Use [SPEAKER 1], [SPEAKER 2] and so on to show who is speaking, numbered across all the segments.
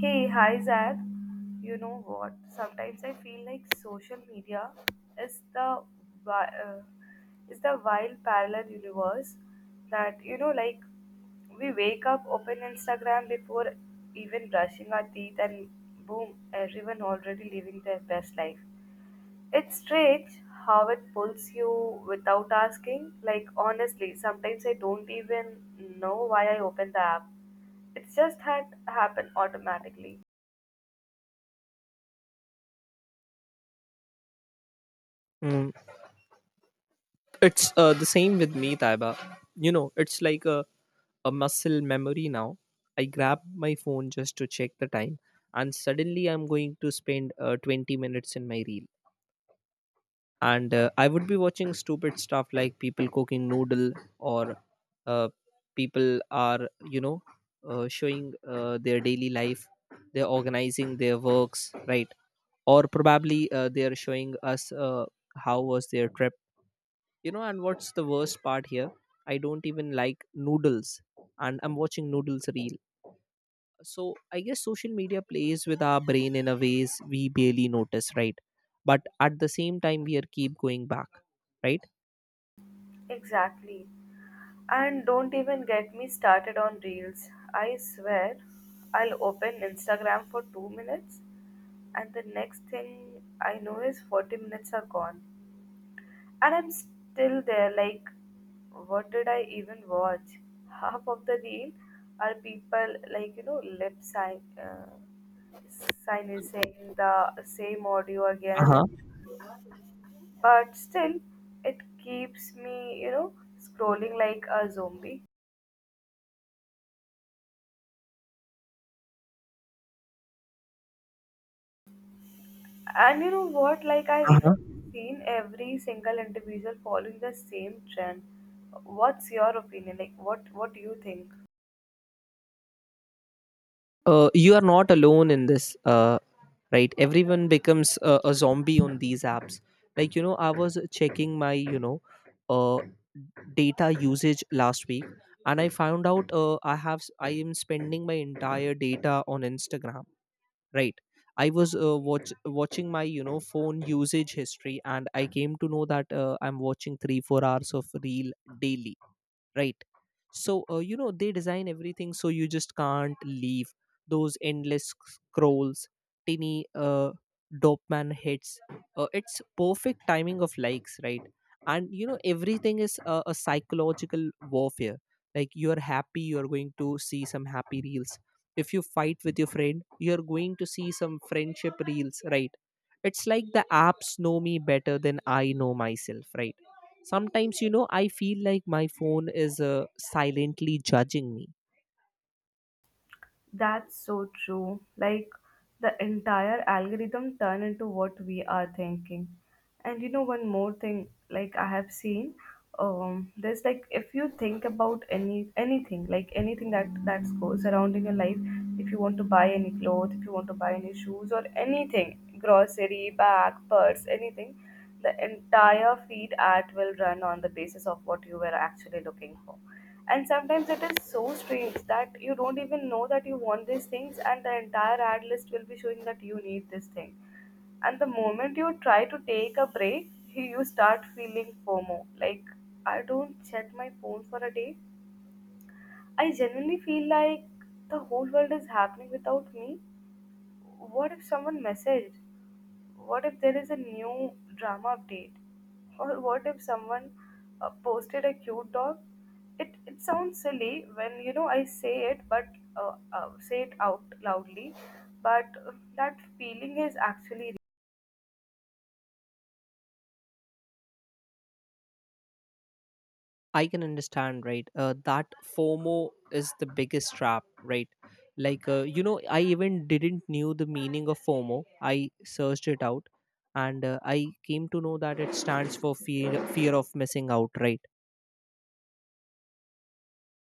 [SPEAKER 1] Hey, hi Zach. You know what? Sometimes I feel like social media is the wi- uh, is the wild parallel universe that, like, we wake up, open Instagram before even brushing our teeth, and boom, everyone already living their best life. It's strange how it pulls you without asking. Like, honestly, sometimes I don't even know why I opened the app. It's just had happened automatically.
[SPEAKER 2] Mm, it's the same with me, Taiba. It's like a muscle memory now. I grab my phone just to check the time, and suddenly I'm going to spend 20 minutes in my reel. And I would be watching stupid stuff like people cooking noodle or uh, people are showing their daily life. They're organizing their works, right? Or probably they are showing us how was their trip. You know, and what's the worst part here? I don't even like noodles, and I'm watching noodles reel. So I guess social media plays with our brain in a ways we barely notice, right? But at the same time, we are keep going back, right?
[SPEAKER 1] Exactly. And don't even get me started on reels. I swear, I'll open Instagram for 2 minutes, and the next thing I know is 40 minutes are gone. And I'm still there, like, what did I even watch? Half of the reel are people, like, you know, lip sign, sign is saying the same audio again and
[SPEAKER 2] Uh
[SPEAKER 1] again, but still it keeps me, scrolling like a zombie. And you know what, like, I've
[SPEAKER 2] huh.
[SPEAKER 1] even seen every single individual following the same trend. What's your opinion? Like, what do you think?
[SPEAKER 2] You are not alone in this, right? Everyone becomes a zombie on these apps. Like, you know, I was checking my, you know, uh, data usage last week, and I found out, I am spending my entire data on Instagram, right? I was watching my, you know, phone usage history, and I came to know that I'm watching 3 4 hours of reel daily, right? So you know, they design everything so you just can't leave those scrolls, tiny dopamine hits, it's perfect timing of likes, right? And you know, everything is a psychological warfare. Like, you're happy, you're going to see some happy reels. If you fight with your friend, you're going to see some friendship reels, right? It's like the apps know me better than I know myself, right? Sometimes, you know, I feel like my phone is silently judging me.
[SPEAKER 1] That's so true. Like, the entire algorithm turn into what we are thinking. And you know, one more thing. Like, I have seen, there's, like, if you think about anything, like anything that goes around in your life, if you want to buy any clothes, if you want to buy any shoes, or anything, grocery bag, purse, anything, the entire feed ad will run on the basis of what you were actually looking for. And sometimes it is so strange that you don't even know that you want these things, and the entire ad list will be showing that you need this thing. And the moment you try to take a break, you start feeling fomo. Like, I don't check my phone for a day, I genuinely feel like the whole world is happening without me. What if someone messaged? What if there is a new drama update? Or what if someone posted a cute dog? It sounds silly when, you know, I say it, but say it out loudly. But that feeling is actually...
[SPEAKER 2] I can understand, right? That FOMO is the biggest trap, right? Like, you know, I even didn't knew the meaning of FOMO. I searched it out, and I came to know that it stands for fear of missing out, right?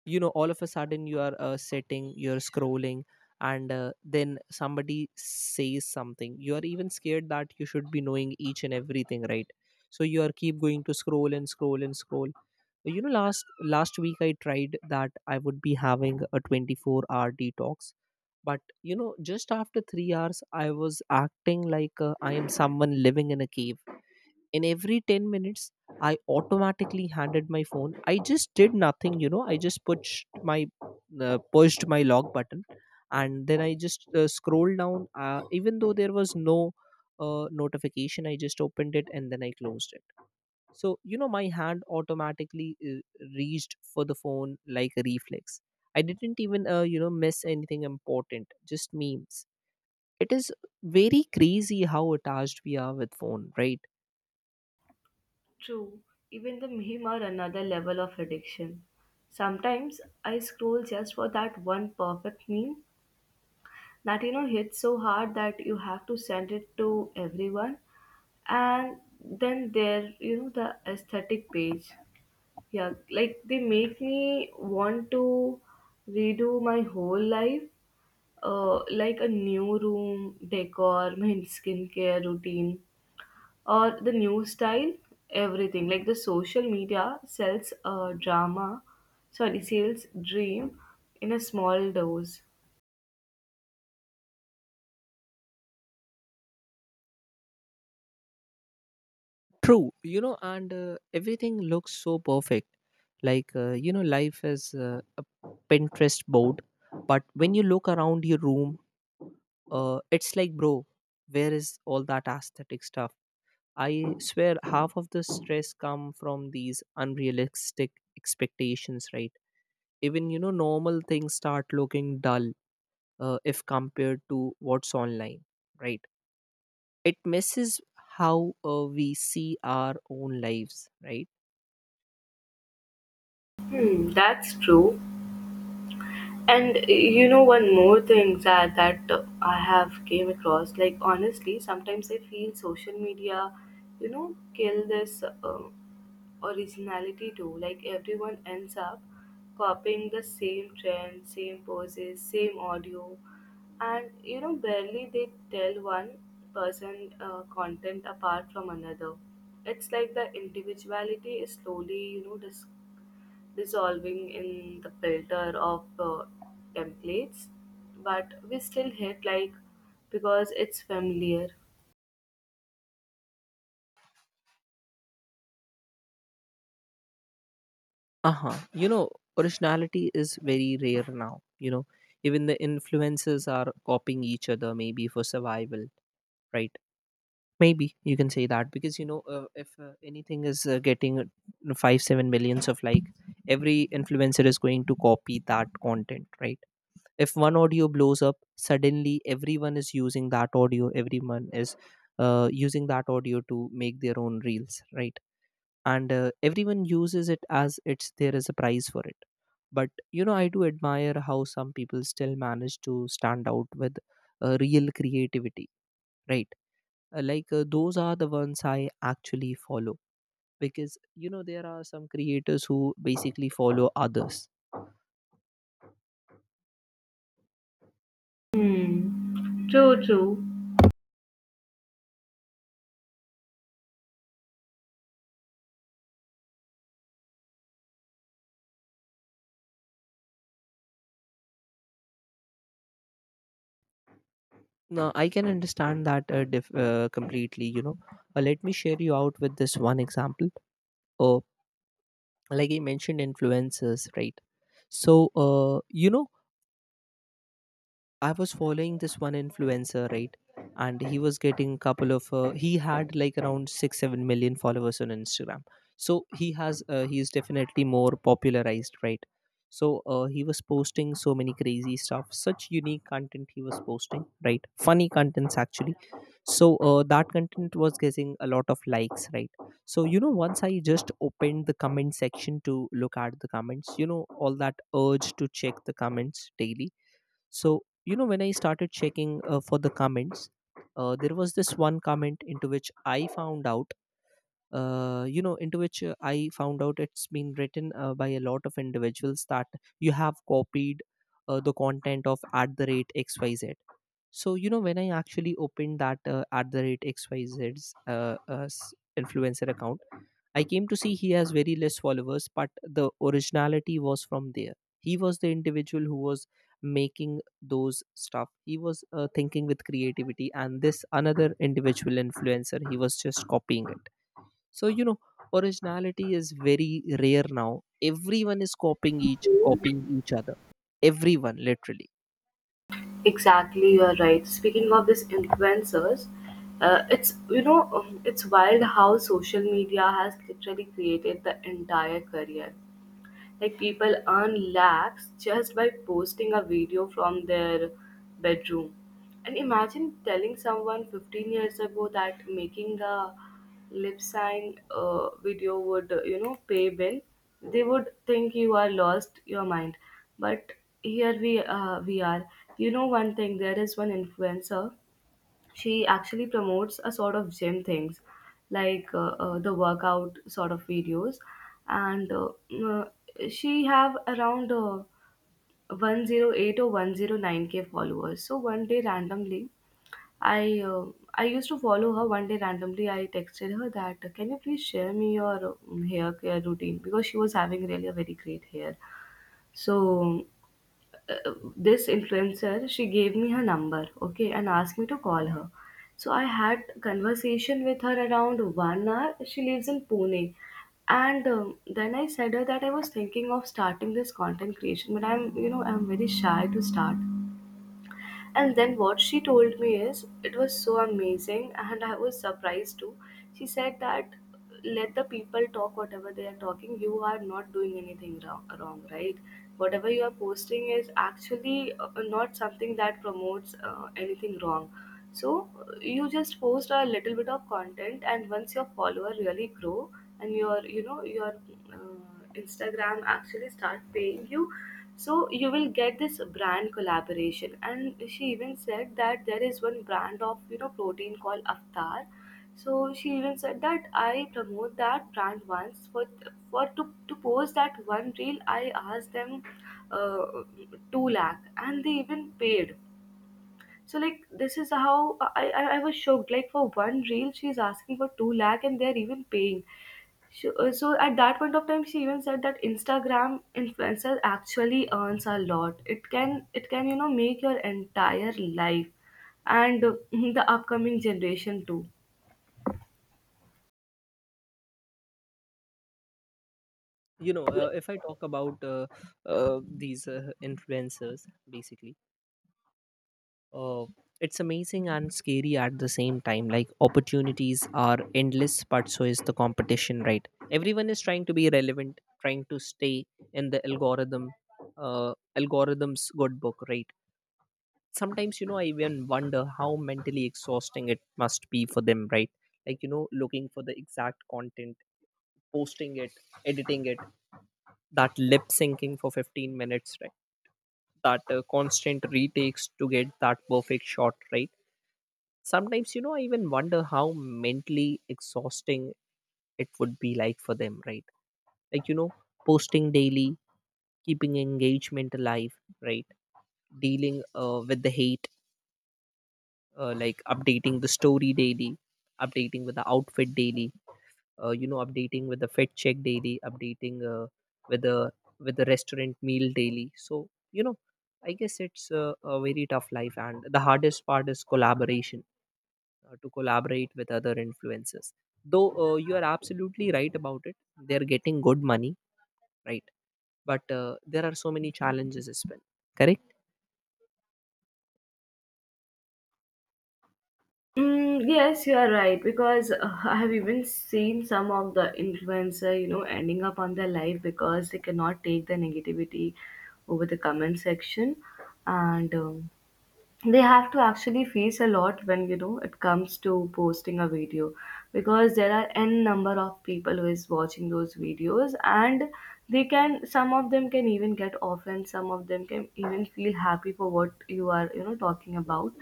[SPEAKER 2] You know, all of a sudden you are sitting, you're scrolling, and then somebody says something, you are even scared that you should be knowing each and everything, right? So you are keep going to scroll and scroll and scroll. You know, last week I tried that I would be having a 24-hour hour detox, but you know, just after 3 hours I was acting like I am someone living in a cave. In every 10 minutes, I automatically handed my phone. I just did nothing, you know, I just pushed my lock button, and then I just scrolled down, even though there was no notification. I just opened it and then I closed it. So you know, my hand automatically reached for the phone like a reflex. I didn't even you know, miss anything important, just memes. It is very crazy how attached we are with phone, right?
[SPEAKER 1] True, even the meme are another level of addiction. Sometimes I scroll just for that one perfect meme that, you know, hits so hard that you have to send it to everyone. And then there, the aesthetic page, yeah. Like, they make me want to redo my whole life, like a new room decor, my skincare routine, or the new style. Everything, like, the social media sells drama, sorry, sells dream in a small dose.
[SPEAKER 2] True, you know, and everything looks so perfect. Like, you know, life is a Pinterest board. But when you look around your room, it's like, bro, where is all that aesthetic stuff? I swear, half of the stress come from these unrealistic expectations, right? Even, you know, normal things start looking dull if compared to what's online, right? It messes how we see our own lives, right?
[SPEAKER 1] Hmm, that's true. And you know, one more thing, that I have came across. Like, honestly, sometimes I feel social media, you know, kill this originality too. Like, everyone ends up copying the same trend, same poses, same audio, and, you know, barely they tell one person content apart from another. It's like the individuality is slowly, you know, dissolving in the filter of templates, but we still hit like because it's familiar.
[SPEAKER 2] Uh-huh. You know, originality is very rare now, you know. Even the influences are copying each other, maybe for survival, right? Maybe you can say that because, you know, if anything is getting 5 7 millions of like, every influencer is going to copy that content, right? If one audio blows up, suddenly everyone is using that audio, everyone is using that audio to make their own reels, right? And everyone uses it as it's there is a prize for it. But you know, I do admire how some people still manage to stand out with real creativity, right? Like those are the ones I actually follow, because you know, there are some creators who basically follow others.
[SPEAKER 1] Hmm. True, true.
[SPEAKER 2] Now I can understand that completely, you know. Let me share you out with this one example. uh, like, I mentioned influencers, right? So uh, you know, I was following this one influencer, right? And he was getting a couple of, he had like around 6, 7 million followers on Instagram. So he has, he is definitely more popularized, right? So he was posting so many crazy stuff, such unique content he was posting, right? Funny contents actually. So that content was getting a lot of likes, right? So you know, once I just opened the comment section to look at the comments, you know, all that urge to check the comments daily. So, you know, when I started checking for the comments, there was this one comment into which I found out, you know, into which I found out it's been written by a lot of individuals that you have copied the content of at the rate XYZ. So you know, when I actually opened that, at the rate XYZ's, influencer account, I came to see he has very less followers, but the originality was from there. He was the individual who was making those stuff. He was thinking with creativity, and this another individual influencer, he was just copying it. So you know, originality is very rare now. Everyone is copying each other. Everyone, literally,
[SPEAKER 1] Exactly, you're right. Speaking of these influencers, it's you know it's wild how social media has literally created the entire career. Like, people earn lakhs just by posting a video from their bedroom. And imagine telling someone 15 years ago that making a lip sign video would, you know, pay bill. They would think you are lost your mind. But here we are. You know, one thing. There is one influencer. She actually promotes a sort of gym things, like, the workout sort of videos, and she have around 108 or 109K followers. So one day randomly, i uh, I used to follow her. One day randomly, I texted her that can you please share me your hair care routine, because she was having really a very great hair. So this influencer, she gave me her number, okay, and asked me to call her. So I had conversation with her around 1 hour. She lives in Pune. And then I said her that I was thinking of starting this content creation, but I'm you know I'm very shy to start. And then what she told me is, it was so amazing, and I was surprised too. She said that let the people talk, whatever they are talking, you are not doing anything wrong, right? Whatever you are posting is actually not something that promotes anything wrong. So you just post a little bit of content, and once your follower really grow and your you know your uh, Instagram actually start paying you, so you will get this brand collaboration. And she even said that there is one brand of, you know, protein called Aftar. So she even said that I promote that brand once for, to post that one reel. I asked them uh, 2 lakh, and they even paid. So, like, this is how I was shocked. Like, for one reel, she's asking for 2 lakh, and they're even paying. Sure. So at that point of time, she even said that Instagram influencers actually earns a lot. It can, you know, make your entire life, and the upcoming generation too.
[SPEAKER 2] you know. If I talk about these influencers basically, uh, it's amazing and scary at the same time. Like, opportunities are endless, but so is the competition, right? Everyone is trying to be relevant, trying to stay in the algorithm, uh, algorithm's good book, right? Sometimes you know, I even wonder how mentally exhausting it must be for them, right? Like, you know, looking for the exact content, posting it, editing it, that lip syncing for 15 minutes, right? That constant retakes to get that perfect shot, right? Sometimes you know, I even wonder how mentally exhausting it would be like for them, right? Like you know, posting daily, keeping engagement alive, right? Dealing with the hate, like updating the story daily, updating with the outfit daily, you know, updating with the fed check daily, updating with the with the restaurant meal daily. So you know, I guess it's a very tough life, and the hardest part is collaboration, to collaborate with other influencers. Though you are absolutely right about it, they're getting good money, right? But there are so many challenges as well, correct.
[SPEAKER 1] Mm, yes, you are right, because I have even seen some of the influencer, you know, ending up on their life because they cannot take the negativity over the comment section, and they have to actually face a lot when, you know, it comes to posting a video, because there are n number of people who is watching those videos, and they can some of them can even get offended, some of them can even feel happy for what you are, you know, talking about.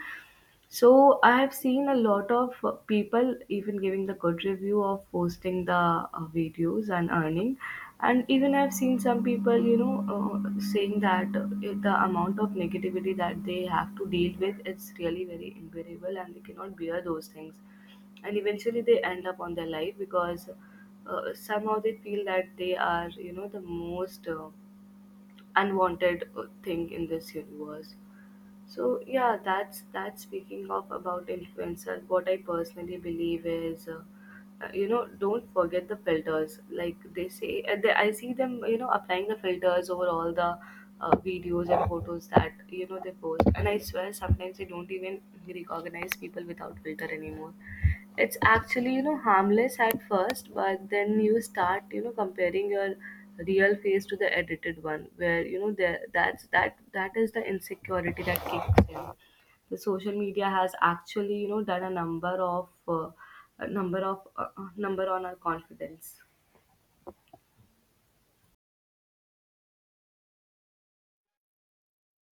[SPEAKER 1] So I've seen a lot of people even giving the good review of posting the videos and earning, and even I've seen some people, you know, saying that the amount of negativity that they have to deal with, it's really very unbearable, and they cannot bear those things, and eventually they end up on their life because somehow they feel that they are, you know, the most unwanted thing in this universe. So yeah, that's speaking of about influencer, what I personally believe is, you know, don't forget the filters. Like, they say, I see them, you know, applying the filters over all the videos and photos that, you know, they post. And I swear, sometimes they don't even recognize people without filter anymore. It's actually, you know, harmless at first, but then you start, you know, comparing your real face to the edited one, where, you know, there, that is the insecurity that kicks in. The social media has actually, you know, done a number of number on our confidence.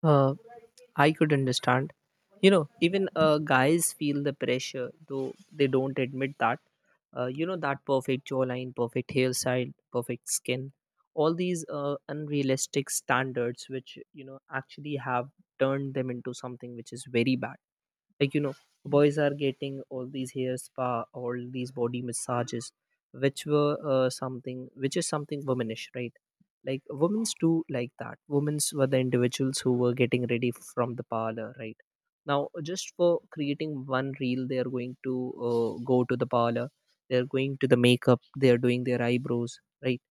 [SPEAKER 2] uh, I could understand. You know, even guys feel the pressure, though they don't admit that. You know, that perfect jawline, perfect hairstyle, perfect skin, all these unrealistic standards, which, you know, actually have turned them into something which is very bad. Like you know, boys are getting all these hair spa, all these body massages, which were something, which is something womanish, right? Like, women's do like that. Women's were the individuals who were getting ready from the parlor, right? Now just for creating one reel, they are going to go to the parlor, they're going to the makeup, they're doing their eyebrows, right?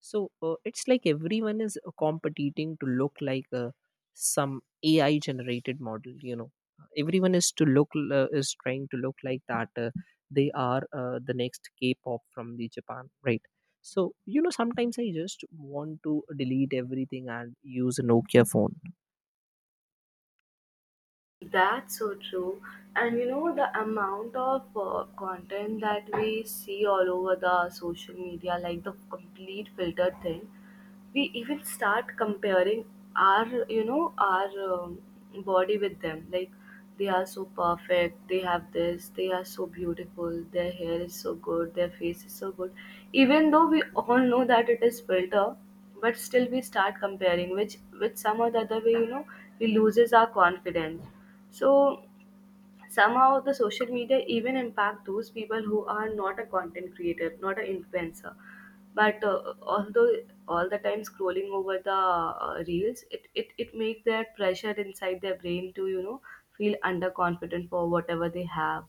[SPEAKER 2] So it's like everyone is competing to look like some AI generated model. You know, everyone is to look is trying to look like that. They are the next K-pop from the Japan, right? So you know, sometimes I just want to delete everything and use a Nokia phone.
[SPEAKER 1] That's so true. And, you know, the amount of content that we see all over the social media, like the complete filter thing, we even start comparing our body with them. Like, they are so perfect, they have this, they are so beautiful, their hair is so good, their face is so good. Even though we all know that it is filter, but still we start comparing, which some or the other way, you know, we loses our confidence. So somehow the social media even impact those people who are not a content creator, not an influencer. But although all the time scrolling over the reels, it makes that pressure inside their brain to, you know, feel underconfident for whatever they have.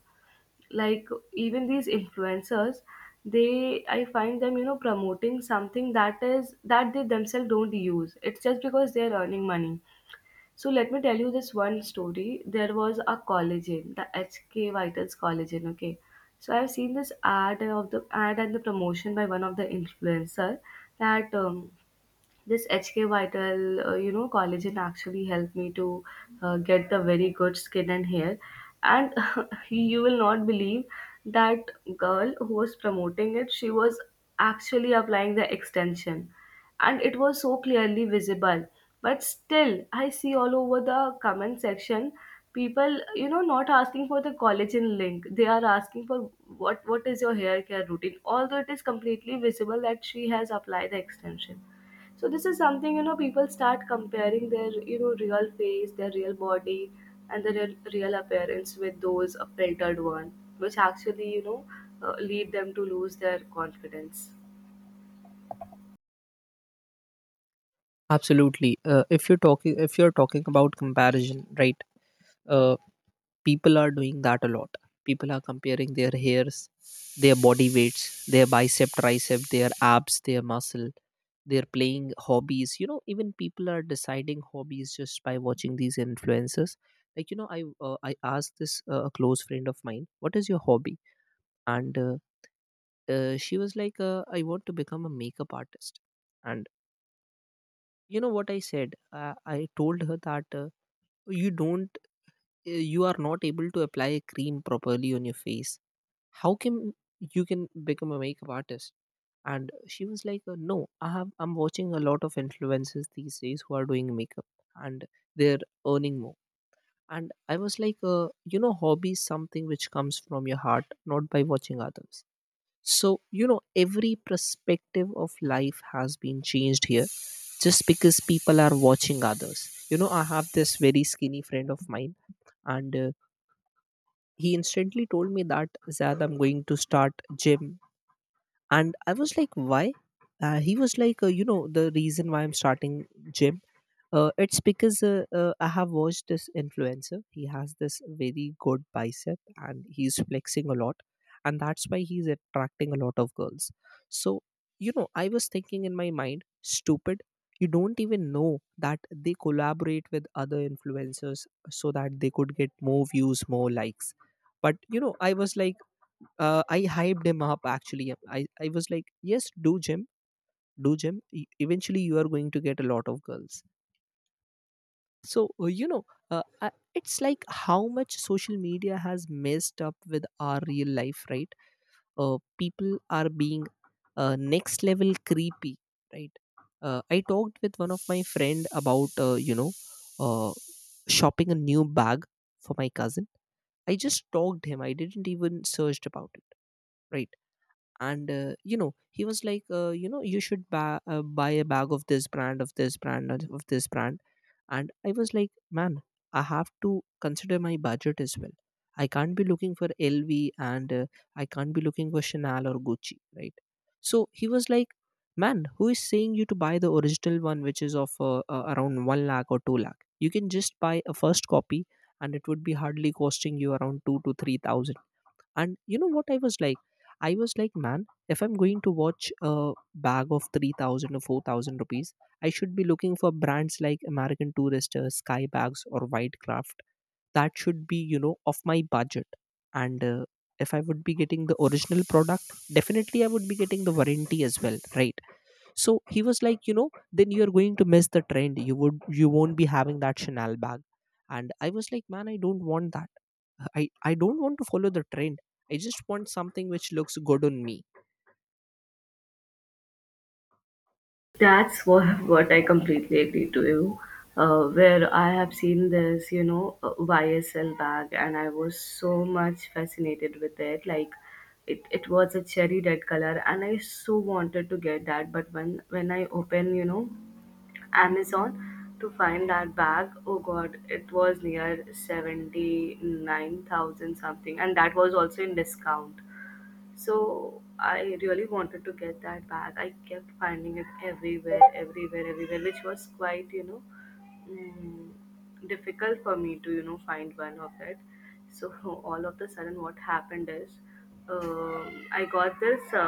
[SPEAKER 1] Like, even these influencers, they, I find them, you know, promoting something that is that they themselves don't use. It's just because they're earning money. So let me tell you this one story. There was a collagen, the HK Vitals collagen. Okay, so I've seen this ad of the ad and the promotion by one of the influencer that this HK Vital, collagen actually helped me to get the very good skin and hair. And you will not believe that girl who was promoting it, she was actually applying the extension, and it was so clearly visible. But still, I see all over the comment section, people, you know, not asking for the collagen link. They are asking for, what is your hair care routine, although it is completely visible that she has applied the extension. So this is something, you know, people start comparing their, you know, real face, their real body, and their real appearance with those filtered one, which actually, you know, lead them to lose their confidence.
[SPEAKER 2] Absolutely. If you're talking about comparison, right? Uh, People are doing that a lot. People are comparing their hairs, their body weights, their bicep tricep, their abs, their muscle. They're playing hobbies, you know, even people are deciding hobbies just by watching these influencers. Like, you know, I asked this a close friend of mine, what is your hobby? And she was like, I want to become a makeup artist. And you know what I said? I told her that, you don't. You are not able to apply a cream properly on your face. How can you can become a makeup artist? And she was like, no, I'm watching a lot of influencers these days who are doing makeup. And they're earning more. And I was like, you know, hobby is something which comes from your heart, not by watching others. So you know, every perspective of life has been changed here just because people are watching others. You know, I have this very skinny friend of mine. And he instantly told me that, Zad, I'm going to start gym. And I was like, why? He was like, you know, the reason why I'm starting gym, it's because I have watched this influencer. He has this very good bicep and he's flexing a lot. And that's why he's attracting a lot of girls. So, you know, I was thinking in my mind, stupid, you don't even know that they collaborate with other influencers so that they could get more views, more likes. But, you know, I was like, I hyped him up actually. I was like, yes, do gym, do gym. Eventually, you are going to get a lot of girls. So, you know, it's like how much social media has messed up with our real life, right? People are being next level creepy, right? I talked with one of my friend about, you know, uh, shopping a new bag for my cousin. I just talked him. I didn't even searched about it, right? And you know, he was like, you know, you should buy a bag of this brand, of this brand, and of this brand. And I was like, man, I have to consider my budget as well. I can't be looking for LV and I can't be looking for Chanel or Gucci, right? So he was like, man, who is saying you to buy the original one, which is of around 1 lakh or 2 lakh. You can just buy a first copy and it would be hardly costing you around 2 to 3,000. And you know what I was like? I was like, man, if I'm going to watch a bag of 3,000 or 4,000 rupees, I should be looking for brands like American Tourister, Sky Bags, or Whitecraft. That should be, you know, of my budget. And if I would be getting the original product, definitely I would be getting the warranty as well, right? So he was like, you know, then you're going to miss the trend. You won't be having that Chanel bag. And I was like, man, I don't want that. I don't want to follow the trend. I just want something which looks good on me.
[SPEAKER 1] That's what I completely agree to you. Where I have seen this, you know, YSL bag, and I was so much fascinated with it. Like, it was a cherry red color, and I so wanted to get that. But when I open, you know, Amazon to find that bag. Oh god, it was near 79,000 something, and that was also in discount. So I really wanted to get that bag. I kept finding it everywhere, everywhere, everywhere, which was quite, you know, mm, difficult for me to, you know, find one of it. So all of the sudden, what happened is, I got this uh,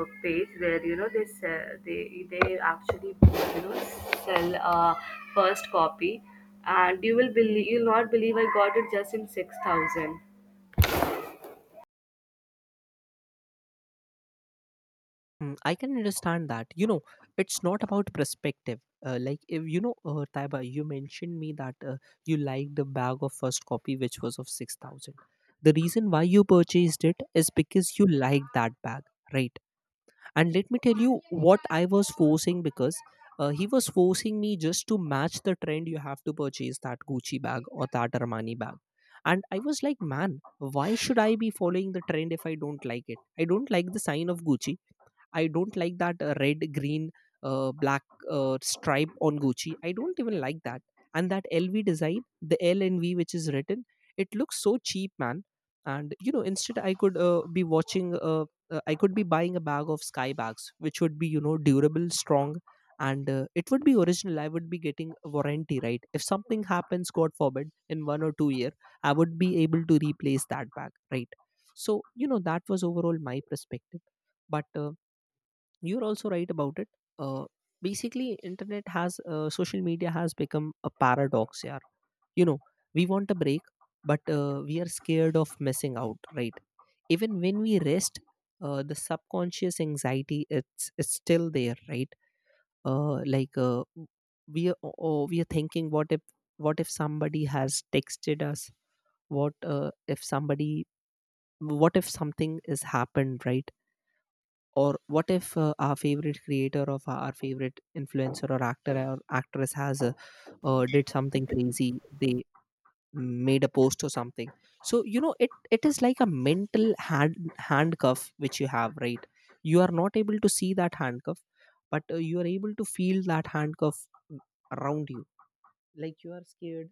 [SPEAKER 1] uh, page where, you know, they actually, you know, sell first copy. And you'll not believe, I got it just in 6,000.
[SPEAKER 2] Mm, I can understand that, you know, it's not about perspective. Like, if you know, Taiba, you mentioned me that, you liked the bag of first copy, which was of 6,000. The reason why you purchased it is because you liked that bag, right? And let me tell you what I was forcing, because he was forcing me just to match the trend. You have to purchase that Gucci bag or that Armani bag. And I was like, man, why should I be following the trend if I don't like it? I don't like the sign of Gucci. I don't like that red, green, black stripe on Gucci. I don't even like that. And that LV design, the L and V which is written, it looks so cheap, man. And you know, instead I I could be buying a bag of Sky bags, which would be, you know, durable, strong, and it would be original. I would be getting a warranty, right? If something happens, God forbid, in 1 or 2 year, I would be able to replace that bag, right? So you know, that was overall my perspective, but. You're also right about it. Uh, Basically, internet has social media has become a paradox. Yeah, you know, we want a break, but we are scared of missing out. Right? Even when we rest, the subconscious anxiety, it's still there. Right? Like, we are oh, we are thinking, what if somebody has texted us? What if somebody? What if something has happened? Right? Or what if our favorite creator of our favorite influencer or actor or actress has did something crazy? They made a post or something. So you know, it is like a mental handcuff which you have, right? You are not able to see that handcuff, but you are able to feel that handcuff around you. Like, you are scared,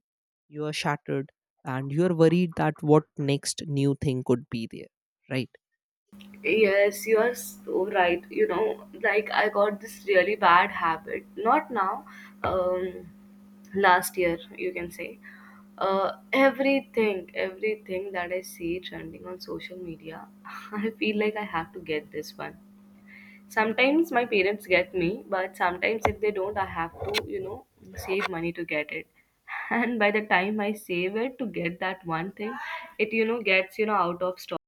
[SPEAKER 2] you are shattered, and you are worried that what next new thing could be there, right?
[SPEAKER 1] Yes, you are so right. You know, like, I got this really bad habit. Not now, um, last year, you can say. Everything, everything that I see trending on social media, I feel like I have to get this one. Sometimes my parents get me, but sometimes if they don't, I have to, you know, save money to get it. And by the time I save it to get that one thing, it, you know, gets, you know, out of stock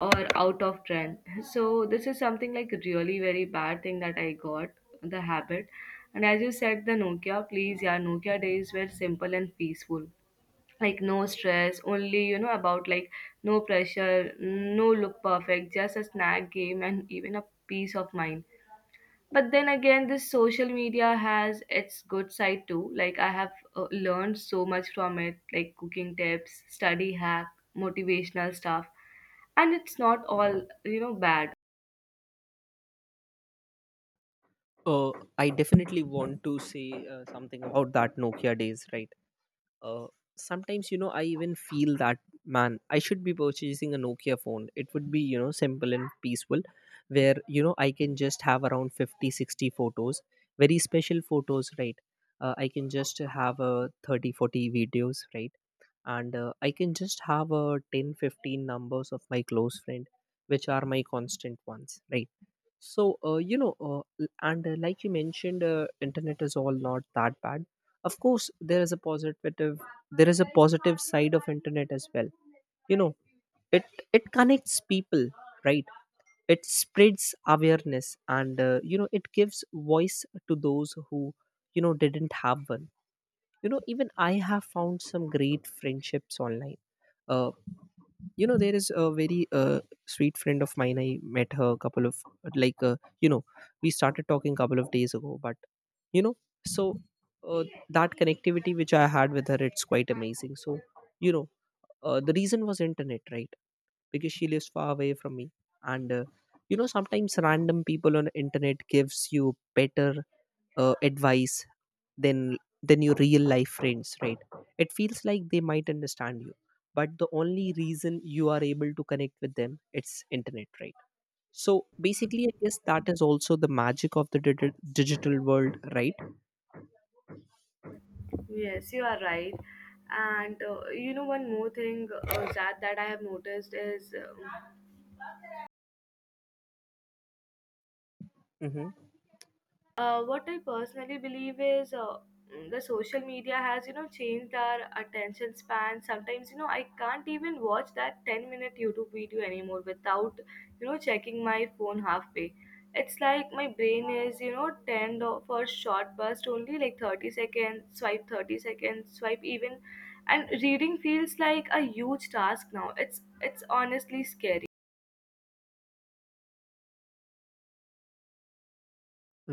[SPEAKER 1] or out of trend. So this is something like really very bad thing that I got the habit. And as you said, the Nokia, please, yeah, Nokia days were simple and peaceful. Like, no stress, only you know about, like, no pressure, no look perfect, just a snack game and even a peace of mind. But then again, this social media has its good side too. Like, I have learned so much from it, like cooking tips, study hack, motivational stuff, and it's not all, you know, bad.
[SPEAKER 2] Uh, I definitely want to say something about that Nokia days, right? uh, Sometimes, you know, I even feel that, man, I should be purchasing a Nokia phone. It would be, you know, simple and peaceful. Where, you know, I can just have around 50, 60 photos. Very special photos, right? I can just have a 30, 40 videos, right? And I can just have a 10, 15 numbers of my close friend, which are my constant ones, right? So, you know, and like you mentioned, internet is all not that bad. Of course, there is a positive side of internet as well. You know, it it connects people, right? It spreads awareness, and you know, it gives voice to those who, you know, didn't have one. You know, even I have found some great friendships online. uh, you know, there is a very sweet friend of mine. I met her a couple of, like, you know, we started talking a couple of days ago, but, you know. So, uh, that connectivity which I had with her, it's quite amazing. So, you know, the reason was internet, right? Because she lives far away from me. And you know, sometimes random people on internet gives you better advice than than your real life friends, right? It feels like they might understand you, but the only reason you are able to connect with them, it's internet, right? So basically, I guess, that is also the magic of the digital world, right?
[SPEAKER 1] Yes, you are right. And you know, one more thing, that I have noticed is um
[SPEAKER 2] Hmm.
[SPEAKER 1] what I personally believe is the social media has, you know, changed our attention span. Sometimes, you know, I can't even watch that 10-minute YouTube video anymore without, checking my phone halfway. It's like my brain is, tend for short burst, only like 30 seconds, swipe, 30 seconds, swipe even. And reading feels like a huge task now. It's honestly scary.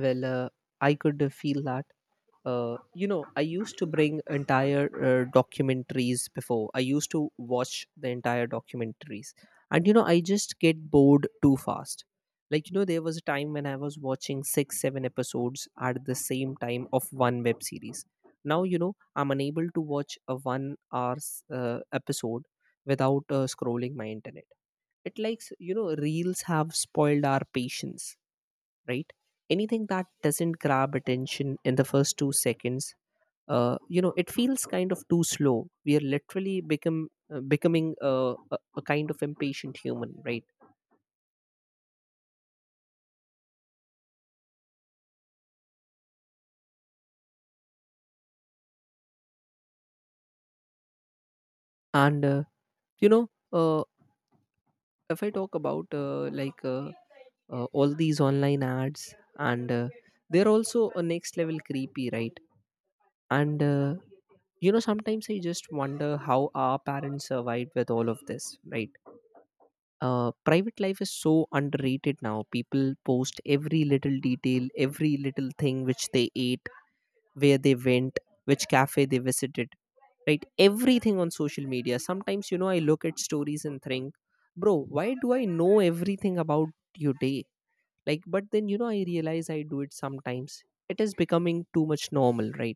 [SPEAKER 2] Well, I could feel that. You know, I used to bring entire documentaries. Before, I used to watch the entire documentaries. And you know, I just get bored too fast. Like, you know, there was a time when I was watching 6 7 episodes at the same time of one web series. Now, you know, I'm unable to watch a 1 hour episode without scrolling my internet. It likes, you know, reels have spoiled our patience, right? Anything that doesn't grab attention in the first 2 seconds, you know, it feels kind of too slow. We are literally become becoming a kind of impatient human, right? And you know, if I talk about like all these online ads, and they're also a next level creepy, right? And you know, sometimes I just wonder how our parents survived with all of this, right? Private life is so underrated now. People post every little detail, every little thing which they ate, where they went, which cafe they visited, right? Everything on social media. Sometimes, you know, I look at stories and think, bro, why do I know everything about your day? Like, but then, you know, I realize I do it sometimes. It is becoming too much normal, right?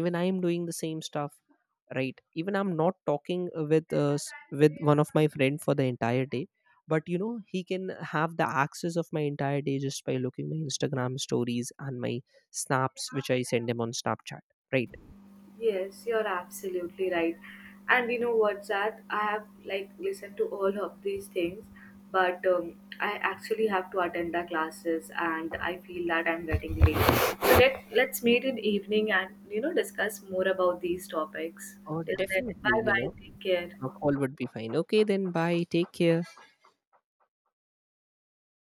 [SPEAKER 2] Even I am doing the same stuff, right? Even I'm not talking with uh, s- with one of my friend for the entire day. But you know, he can have the access of my entire day just by looking my Instagram stories and my snaps which I send him on Snapchat, right?
[SPEAKER 1] Yes, you're absolutely right. And you know what's that? I have, like, listened to all of these things, but I actually have to attend the classes, and I feel that I'm getting late. So let's meet in evening and, you know, discuss more about these topics.
[SPEAKER 2] Oh,
[SPEAKER 1] Till then,
[SPEAKER 2] definitely,
[SPEAKER 1] bye
[SPEAKER 2] you
[SPEAKER 1] bye.
[SPEAKER 2] know.
[SPEAKER 1] Take care.
[SPEAKER 2] A call would be fine. Okay, then. Bye, take care.